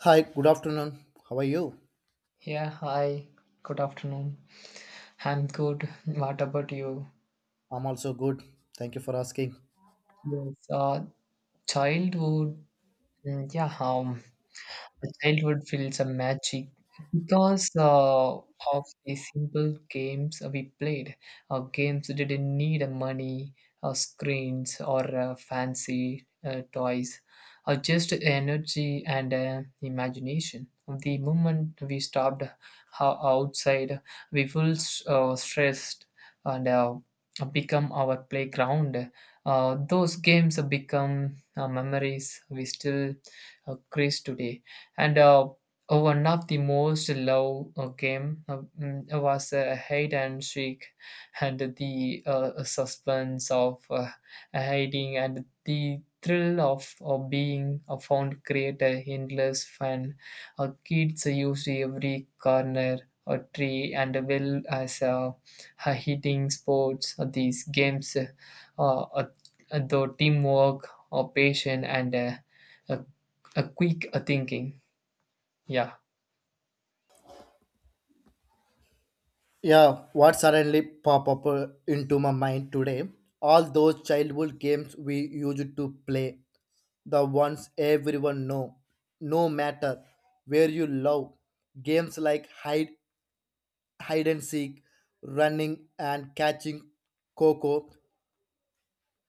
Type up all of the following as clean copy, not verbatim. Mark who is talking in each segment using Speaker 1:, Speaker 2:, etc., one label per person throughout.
Speaker 1: Hi, good afternoon. How are you?
Speaker 2: Yeah, hi. Good afternoon. I'm good. What about you?
Speaker 1: I'm also good. Thank you for asking.
Speaker 2: Yes, childhood. Mm, yeah, the childhood feels a magic because of the simple games we played. Games didn't need money, screens, or fancy toys, just energy and imagination. The moment we stopped outside, we felt stressed and become our playground. Those games become memories we still cherish today, and one of the most loved game was hide and seek. And the suspense of hiding and the thrill of being found create a endless fun. Kids used every corner or tree and well as hitting sports. Uh, These games, uh, the teamwork or patience and a, a quick thinking. Yeah,
Speaker 1: Yeah, what suddenly pop up into my mind today? All those childhood games we used to play, the ones everyone know, no matter where you love. Games like hide and seek, running and catching coco.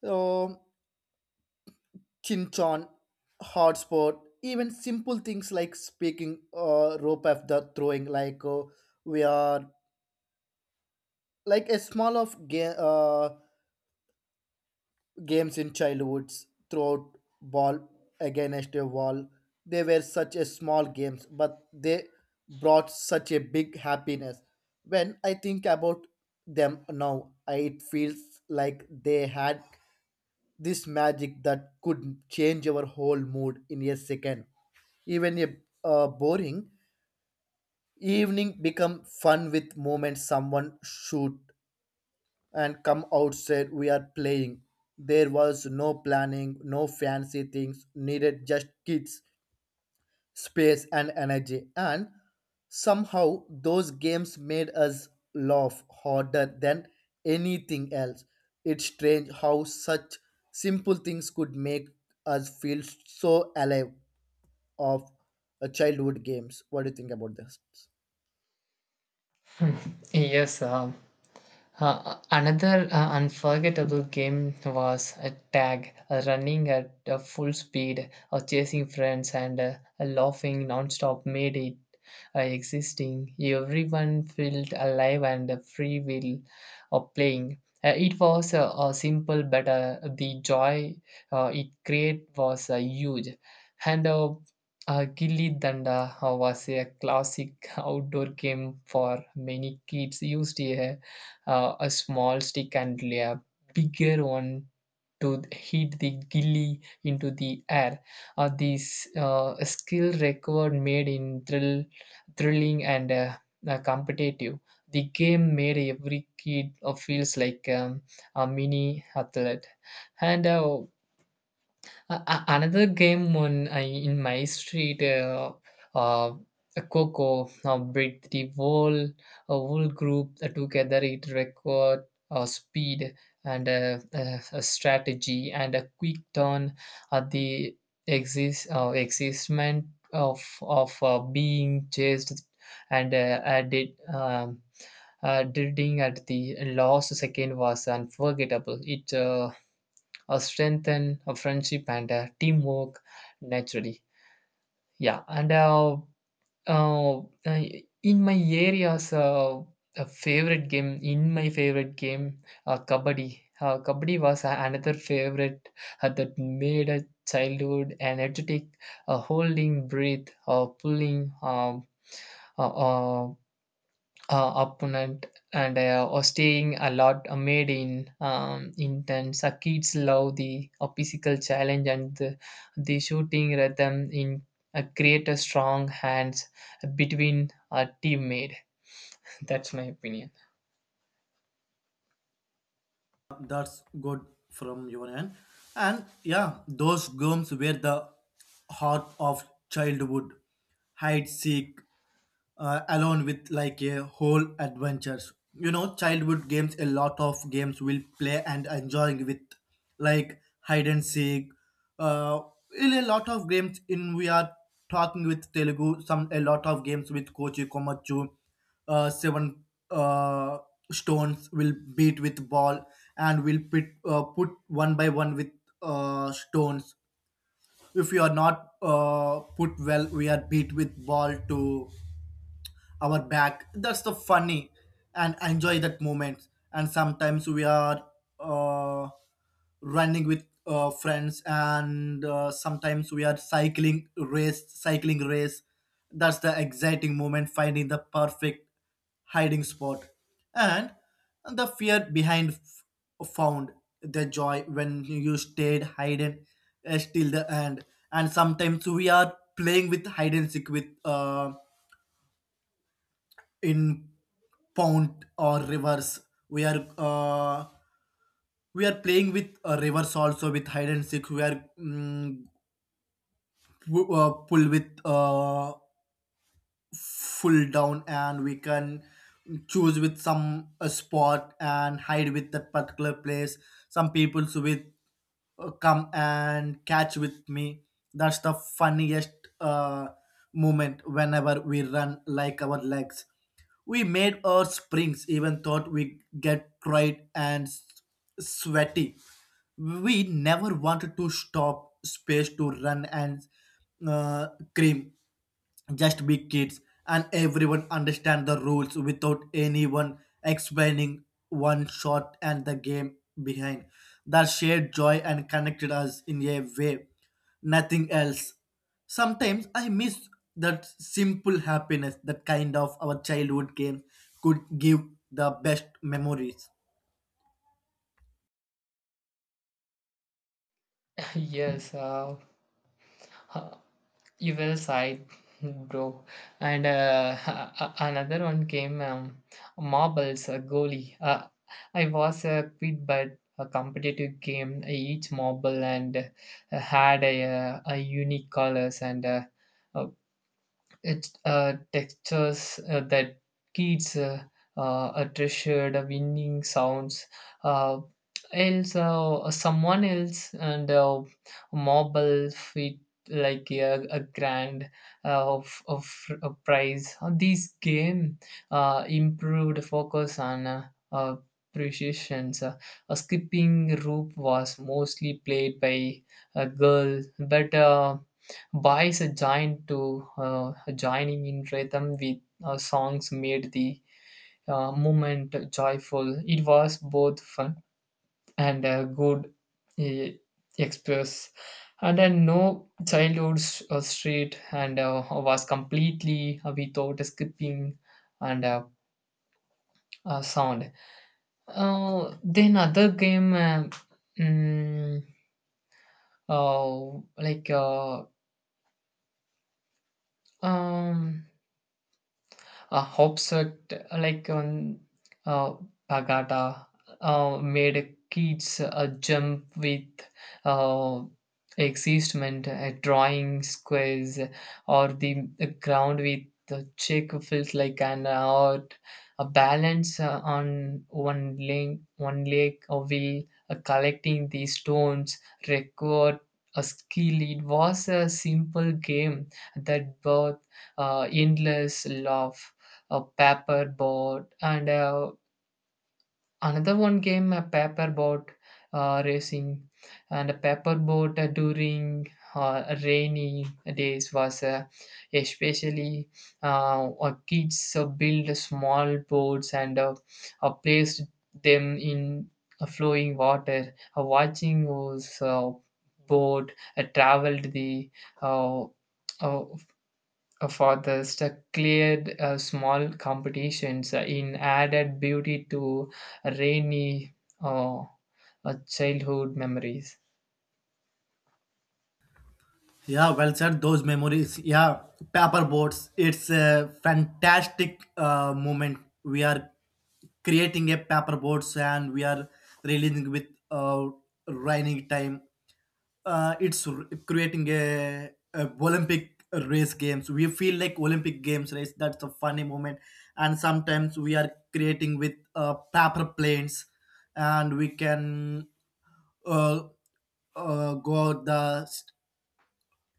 Speaker 1: Um, Chinchon, hard sport, even simple things like speaking rope after throwing, like we are like a small of game games in childhoods, throw ball against a wall. They were such a small games, but they brought such a big happiness. When I think about them now, I, it feels like they had this magic that could change our whole mood in a second, even a boring evening become fun with moments someone shoot and come outside we are playing. There was no planning, no fancy things needed, just kids, space, and energy. And somehow those games made us laugh harder than anything else. It's strange how such simple things could make us feel so alive of childhood games. What do you think about this?
Speaker 2: yes. Another unforgettable game was a tag, running at full speed, or chasing friends and laughing non-stop made it existing. Everyone felt alive and free will of playing. It was simple, but the joy it created was huge. And Gilli Danda was a classic outdoor game for many kids. Used a small stick and a bigger one to hit the gilly into the air. This skill record made in thrilling and competitive. The game made every kid feels like a mini athlete. And another game on in my street. Uh, Coco, bring the whole a whole group together. It record speed and a strategy and a quick turn at the existment of being chased and I did. Drilling at the last second was unforgettable. It strengthen a friendship and teamwork naturally. Yeah, and uh, uh, in my areas, a favorite game in my favorite game, kabaddi. Kabaddi was another favorite that made a childhood energetic, holding breath, pulling. Uh, uh, opponent and or staying a lot made in intense. Kids love the physical challenge and the shooting rhythm in create a strong hands between a teammate. That's my opinion.
Speaker 1: That's good from your end. And yeah, those games were the heart of childhood. Hide seek, alone with like a whole adventures, you know, childhood games, a lot of games will play and enjoying with like hide and seek. uh in a lot of games in, we are talking with telugu, some a lot of games with kochi komachu, seven uh stones will beat with ball and will put put one by one with stones. If you are not put well, we are beat with ball to our back. That's the funny and enjoy that moment. And sometimes we are uh, running with friends, and sometimes we are cycling race. That's the exciting moment, finding the perfect hiding spot. And the fear behind found, the joy when you stayed hidden till the end. And sometimes we are playing with hide and seek with in fount or rivers, we are uh, we are playing with rivers also with hide and seek. We are pull with full down, and we can choose with some a spot and hide with that particular place. Some peoples with come and catch with me. That's the funniest moment whenever we run. Like our legs we made our springs, even thought we get cried and sweaty, we never wanted to stop space to run and uh, cream, just be kids, and everyone understand the rules without anyone explaining. One shot and the game behind, that shared joy and connected us in a way nothing else. Sometimes I miss that simple happiness, that kind of our childhood game could give the best memories.
Speaker 2: Yes. You well side, bro. And another one came, marbles, a goalie. I was a quit but a competitive game. Each marble and had a unique colors and it's textures that kids are treasured, winning sounds. Uh, else, someone else and marble fit like a grand of a prize. This game improved focus on precisions. A skipping rope was mostly played by a girl, but. Boys joined to joining in rhythm with songs made the movement joyful. It was both fun and a good uh, express. And then no childhood street and was completely without skipping and sound. Then other game, mm, uh, like um, a hopscotch like uh, pagata made kids jump with uh, excitement, a drawing squares or the ground with the check feels like an art. A balance on one leg, or wheel, collecting the stones, record a skill. It was a simple game that brought endless love. A paper boat and another one game, a paper boat racing, and a paper boat during rainy days was especially. Kids build small boats and placed them in flowing water, watching those boat traveled the uh, uh, cleared small competitions in added beauty to rainy uh, childhood memories.
Speaker 1: Yeah, well said. Those memories. Yeah, paper boats. It's a fantastic moment. We are creating a paper boards and we are releasing with running time. Creating a olympic race games, we feel like olympic games race. That's a funny moment. And sometimes we are creating with paper planes, and we can uh, go the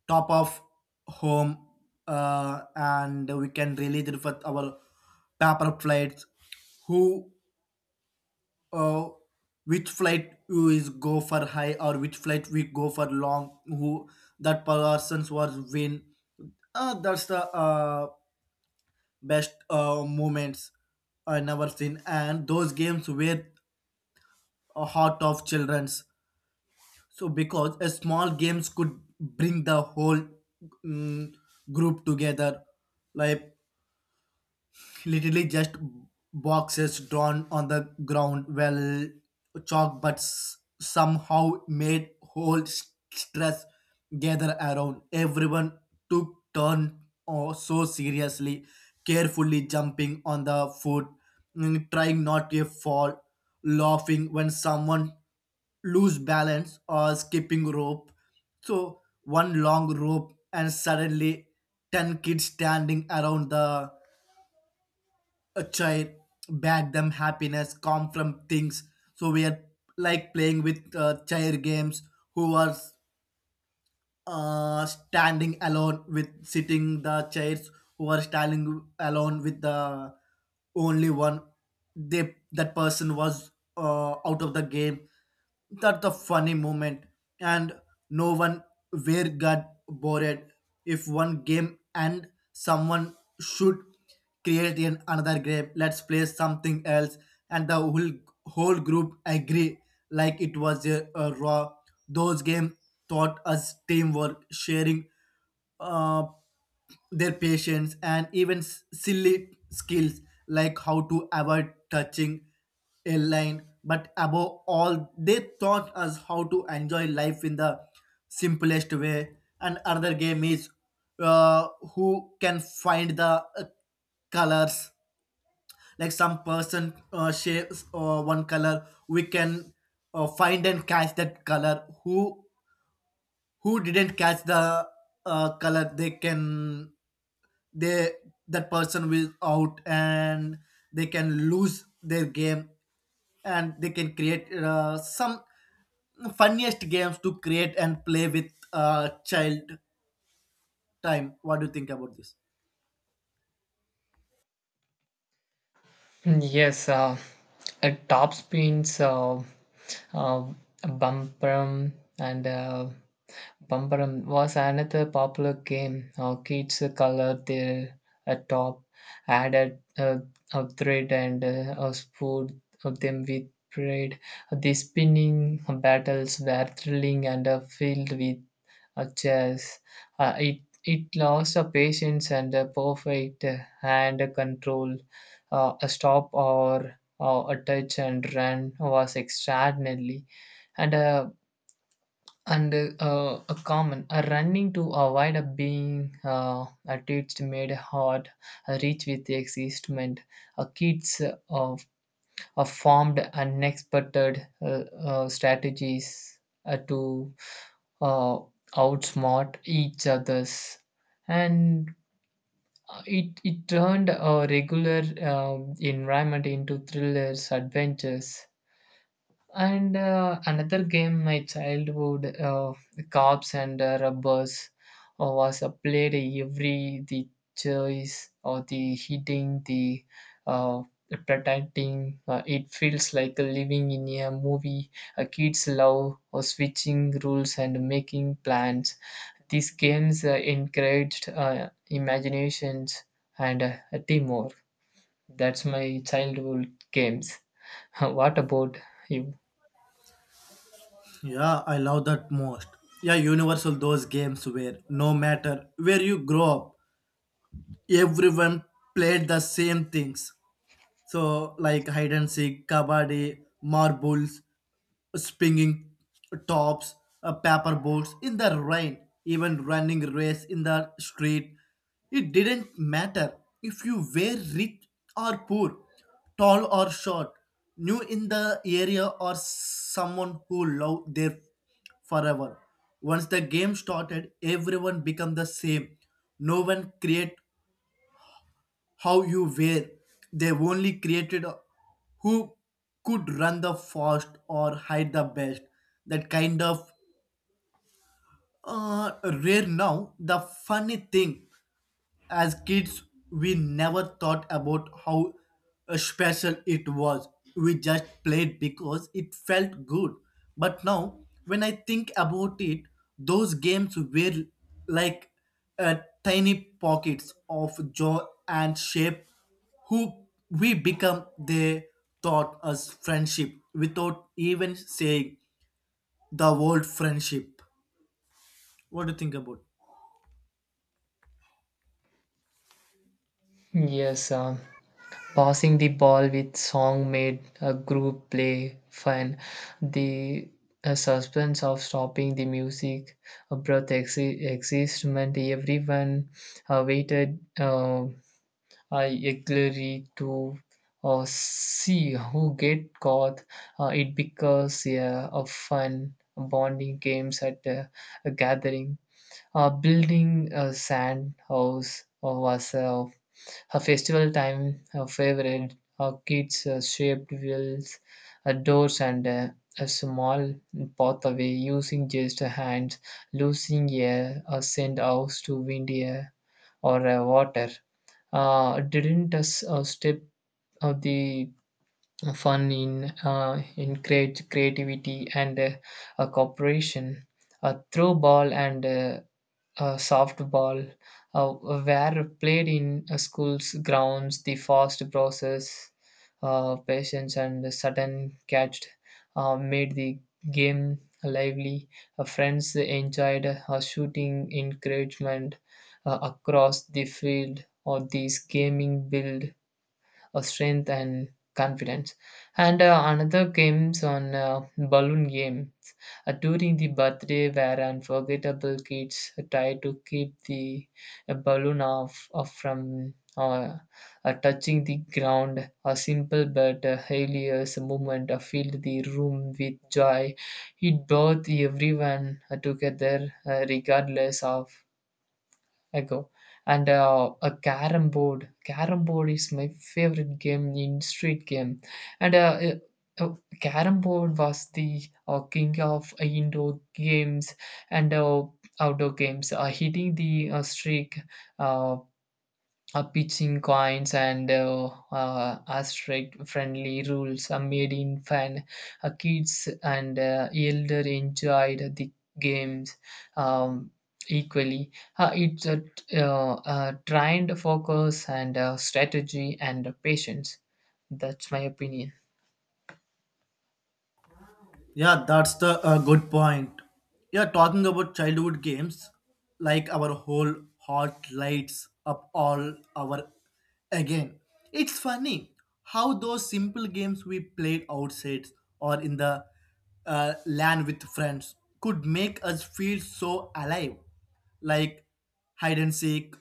Speaker 1: top of home, and we can release it with our paper plates. Who uh, which flight you is go for high, or which flight we go for long, who that persons was win. That's the best moments I never seen. And those games were a heart of children's, so because a small games could bring the whole mm, group together, like literally just boxes drawn on the ground, well chalk, but somehow made stress gather around. Everyone took turn or so seriously, carefully jumping on the foot, trying not to fall, laughing when someone lose balance or skipping rope. So one long rope and suddenly 10 kids standing around the a child back them happiness come from things. So we are like playing with chair games. Who are standing alone with sitting the chairs, who are standing alone with the only one, they, that person was out of the game. That's a funny moment. And no one where got bored. If one game and someone should create in another game, let's play something else, and the whole group agree like it was a raw. Those game taught us teamwork, sharing, uh, their patience, and even silly skills like how to avoid touching a line, but above all they taught us how to enjoy life in the simplest way. And other game is uh, who can find the colors. Like some person shapes one color we can find and catch that color. Who didn't catch the color, they can they that person will out, and they can lose their game. And they can create some funniest games to create and play with child time. What do you think about this?
Speaker 2: Mm, yes, top spins, uh, bumper, and Bumbaram was another popular game. Kids colored their top, added a thread, and a spoon of them with pride. The spinning battles were thrilling and filled with chess. It lost a patience and a perfect hand control. A stop or a touch and run was extraordinarily and and a common a running to avoid a being a teach made hard a reach with the existment a kids of a formed unexpected strategies to uh, outsmart each others, and it turned a regular environment into thrillers adventures. And another game my childhood, cops and rubbers, was played every the choice or the hitting the uh, protecting. It feels like living in a movie. Kids love switching rules and making plans. These games encouraged imaginations and teamwork. That's my childhood games. What about you?
Speaker 1: Yeah, I love that most. Yeah, Universal, those games where no matter where you grow up, everyone played the same things. So, like hide and seek, kabaddi, marbles, springing tops, paper boats in the rain, even running race in the street. It didn't matter if you were rich or poor, tall or short, new in the area or someone who loved there forever. Once the game started, everyone became the same. No one create how you were. They only created who could run the fast or hide the best. That kind of uh, rare now. The funny thing, as kids, we never thought about how special it was. We just played because it felt good. But now, when I think about it, those games were like uh, tiny pockets of joy and shape who we become. They taught us friendship without even saying the word friendship. What do you think about?
Speaker 2: Yes, passing the ball with song made a group play fun. The suspense of stopping the music brought excitement. Everyone waited eagerly to see who get caught. It becomes, yeah, a fun bonding games at a gathering. Building a sand house was a festival time a favorite. Our kids shaped wheels, doors, and a small pathway using just a hand, losing air, or send house to wind air or water. Didn't us step of the fun in create creativity and cooperation. A throw ball and softball were played in schools grounds, the fast process, patience, and the sudden catch made the game lively. Friends enjoyed shooting encouragement across the field, or these gaming build a strength and confidence. And another games on, balloon game during the birthday were unforgettable. Kids try to keep the balloon off from touching the ground. A simple but hilarious moment filled the room with joy. It brought everyone together, regardless of I go. And a carom board. Carom board is my favorite game in street game. And carom board was the king of indoor games and outdoor games. Hitting the streak, uh, pitching coins, and asterisk friendly rules are made in fun. Kids and elder enjoyed the games um, equally. It trained focus and strategy and patience. That's my opinion.
Speaker 1: Yeah, that's the good point. Yeah, talking about childhood games, like our whole heart lights up all our again. It's funny how those simple games we played outside or in the land with friends could make us feel so alive. Like hide and seek,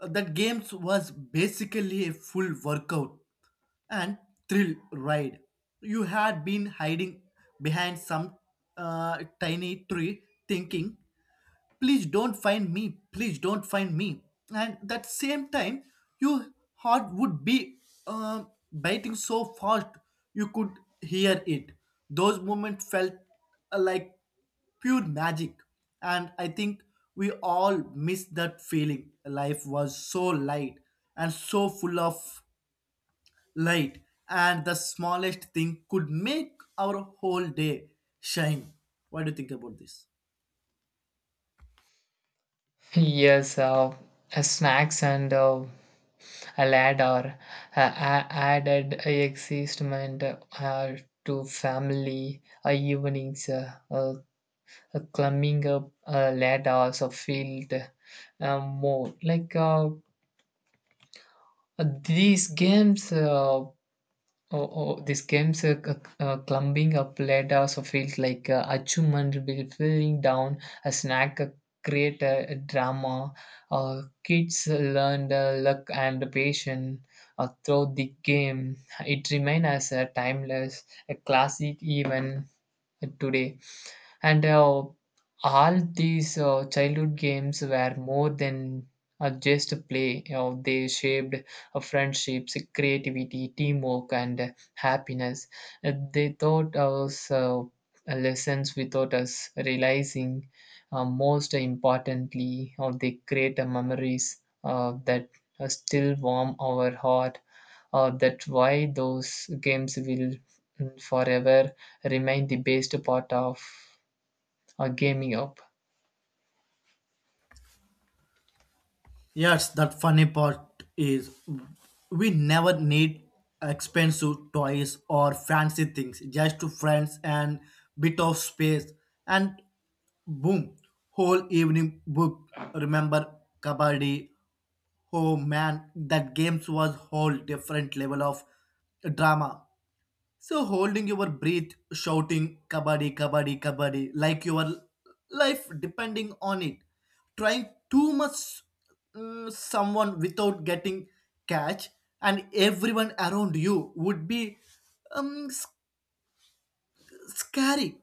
Speaker 1: that games was basically a full workout and thrill ride. You had been hiding behind some tiny tree, thinking, "Please don't find me, please don't find me." And that same time, your heart would be uh, biting so fast you could hear it. Those moments felt like pure magic. And I think we all miss that feeling. Life was so light and so full of light, and the smallest thing could make our whole day shine. What do you think about this?
Speaker 2: Yes, snacks and a lad are added existment to family evenings. Climbing up a ladder or field, more like. Uh, these games uh, oh, oh, these games, climbing up ladder or field like achievement will falling down a snack, create a drama. Kids learned luck and patience throughout the game. It remains as a timeless, a classic even today. And all these childhood games were more than just a play, they shaped friendships, creativity, teamwork, and happiness. They taught us lessons without us realizing. Most importantly, or they create memories that still warm our heart. That why those games will, forever remain the best part of gaming up.
Speaker 1: Yes, that funny part is we never need expensive toys or fancy things, just to friends and bit of space, and boom, whole evening booked. Remember kabaddi? Oh man, that games was whole different level of drama. So holding your breath, shouting kabaddi, kabaddi, kabaddi, like your life depending on it. Trying too much someone without getting catch, and everyone around you would be um, sc- scary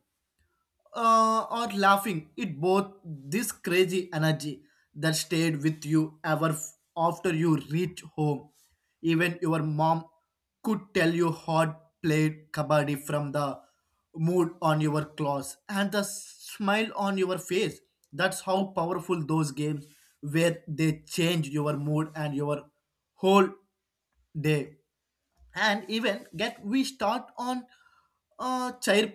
Speaker 1: or laughing it, both this crazy energy that stayed with you ever after you reach home. Even your mom could tell you hard played kabaddi from the mood on your clothes and the smile on your face. That's how powerful those games were. They change your mood and your whole day. And even get we start on chair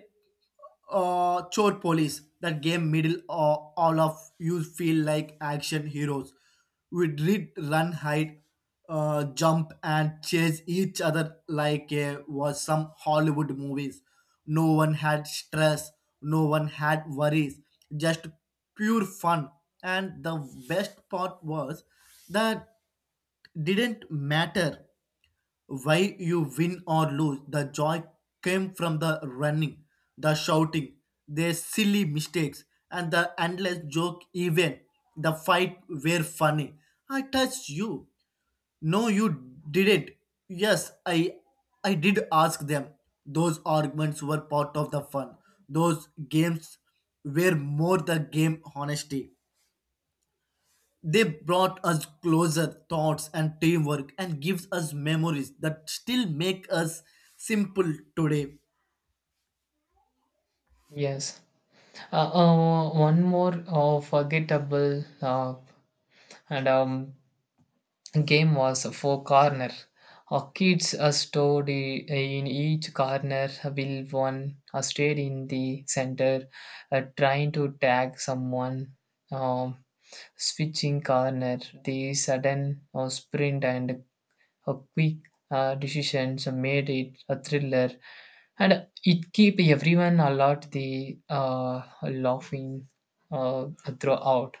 Speaker 1: chore police, that game middle all of you feel like action heroes. We did run, hide, jump and chase each other like was some hollywood movies. No one had stress, no one had worries, just pure fun. And the best part was that didn't matter why you win or lose. The joy came from the running, the shouting, their silly mistakes, and the endless joke even. The fight were funny. I touched you. No, you didn't. Yes, I did ask them. Those arguments were part of the fun. Those games were more the game honesty. They brought us closer thoughts and teamwork and gives us memories that still make us simple today.
Speaker 2: Yes. One more forgettable and game was Four Corner. Kids are stored in each corner, will one stayed in the center, trying to tag someone. Um, switching corner, the sudden sprint and a quick decisions made it a thriller, and it keep everyone a lot the laughing uh, throughout.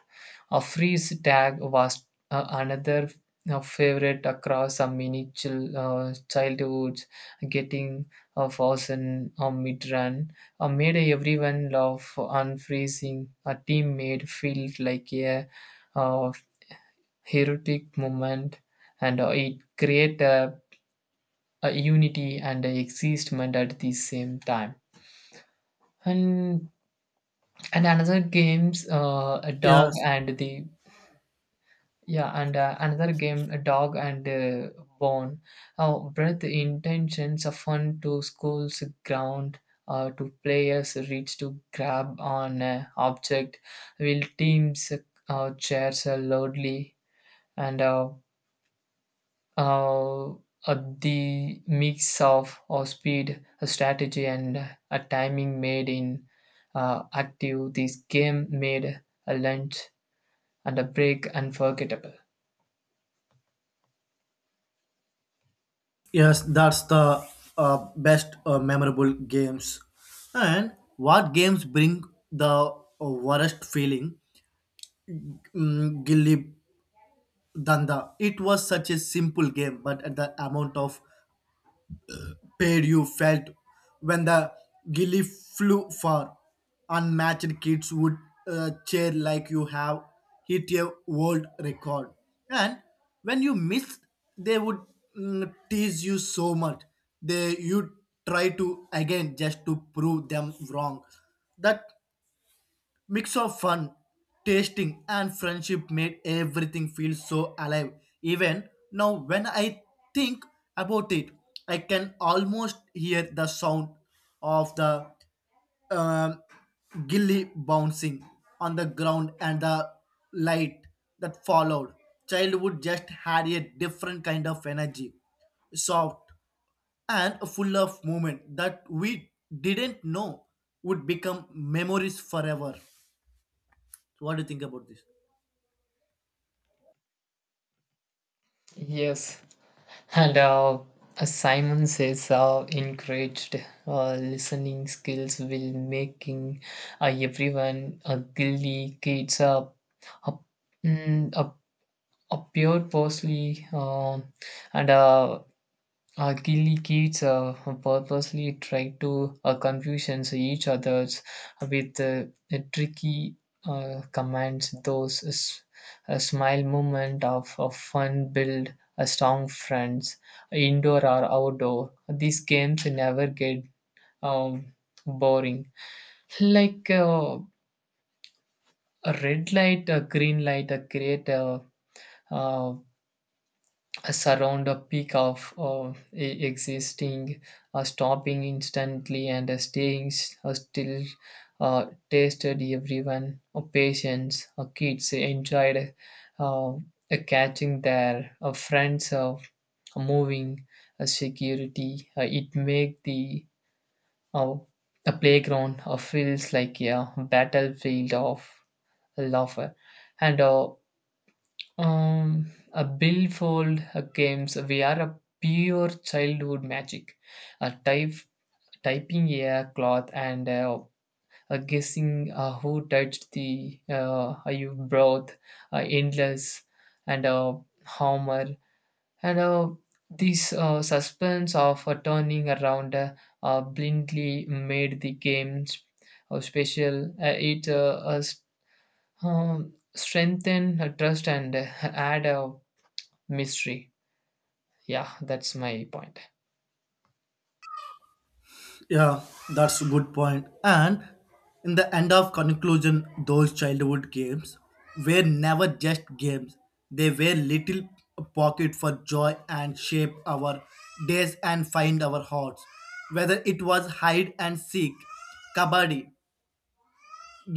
Speaker 2: A freeze tag was another favorite across a mini childhoods. Getting a frozen or mid-run made everyone laugh. Unfreezing a teammate feel like a uh, heroic moment, and it create a unity and a existment at the same time. And and another games a dog
Speaker 1: Yes,
Speaker 2: and the yeah, and another game, a dog and bone, where the intentions of fun to school's ground to players reach to grab on a object will teams chairs loudly, and uh, the mix of speed, strategy, and a timing made in active. This game made a lunch and a break unforgettable.
Speaker 1: yes, that's the best memorable games. And what games bring the worst feeling? Gilli Danda. It was such a simple game, but at the amount of pain you felt when the gilly flew far. Unmatched kids would cheer like you have hit a world record. And when you miss, they would tease you so much. They you try to again just to prove them wrong. That mix of fun, tasting, and friendship made everything feel so alive. Even now, when I think about it, I can almost hear the sound of the um, gilly bouncing on the ground and the light that followed. Childhood just had a different kind of energy, soft and full of movement that we didn't know would become memories forever. What do you think about this?
Speaker 2: Yes, and as Simon says, encouraged listening skills will making everyone a gilly kids up, up, up, up pure, mostly, and Gilly kids purposely try to confusions each others with tricky commands. Those a smile moment of fun build a strong friends, indoor or outdoor. These games never get um, boring. Like a red light, a green light, a create a, uh surround a peak of existing, stopping instantly and staying still. Tasted everyone, patients, kids enjoyed uh, uh, catching their friends moving security. It make uh, the playground feels like a battlefield of laughter and a billfold games we are a pure childhood magic. A type typing a cloth and a guessing who touched the you brought endless and Homer and this suspense of turning around blindly made the games special. It strengthened trust and add mystery. Yeah, that's my point.
Speaker 1: Yeah, that's a good point. And in the end of conclusion, those childhood games were never just games. They were little pocket for joy and shape our days and find our hearts. Whether it was hide and seek, kabaddi,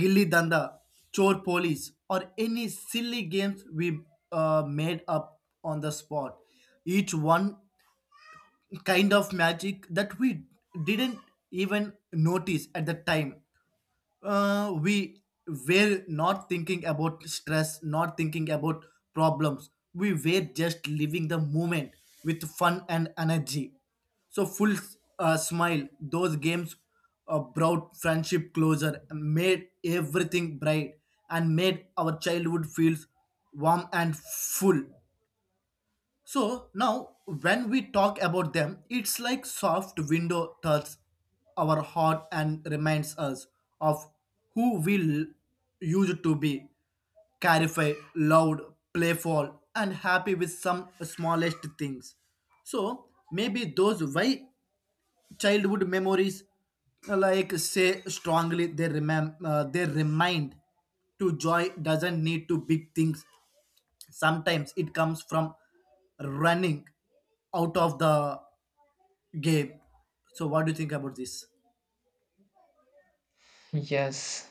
Speaker 1: gilli danda, chor police, or any silly games we made up on the spot, each one kind of magic that we didn't even notice at the time. We were not thinking about stress, not thinking about problems. We were just living the moment with fun and energy. So, full smile, those games brought friendship closer, made everything bright, and made our childhood feels warm and full. So now, when we talk about them, it's like soft window touches our heart and reminds us of who we used to be. Clarify, loud, playful, and happy with some smallest things. So maybe those why childhood memories, like say strongly, they they remind to joy doesn't need to big things. Sometimes it comes from running out of the game. So what do you think about this?
Speaker 2: Yes,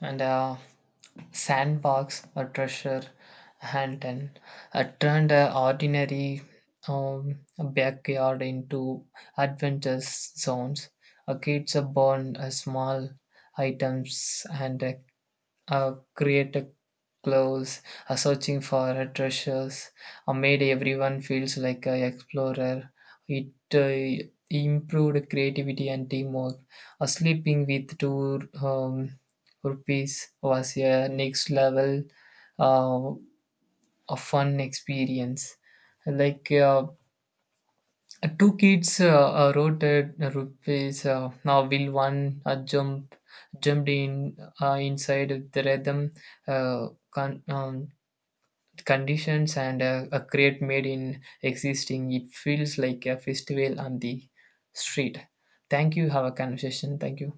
Speaker 2: and a sandbox, a treasure hunt, and turned an ordinary backyard into adventure zones. Kids are born small items and created clothes, searching for treasures, made everyone feels like an explorer. It improved creativity and teamwork. Sleeping with two rupees was a next level, uh, a fun experience. Like two kids wrote at rupees now will one jumped in inside of the rhythm uh, con- um, conditions and a crate made in existing. It feels like a festival on the street. Thank you, have a conversation. Thank you.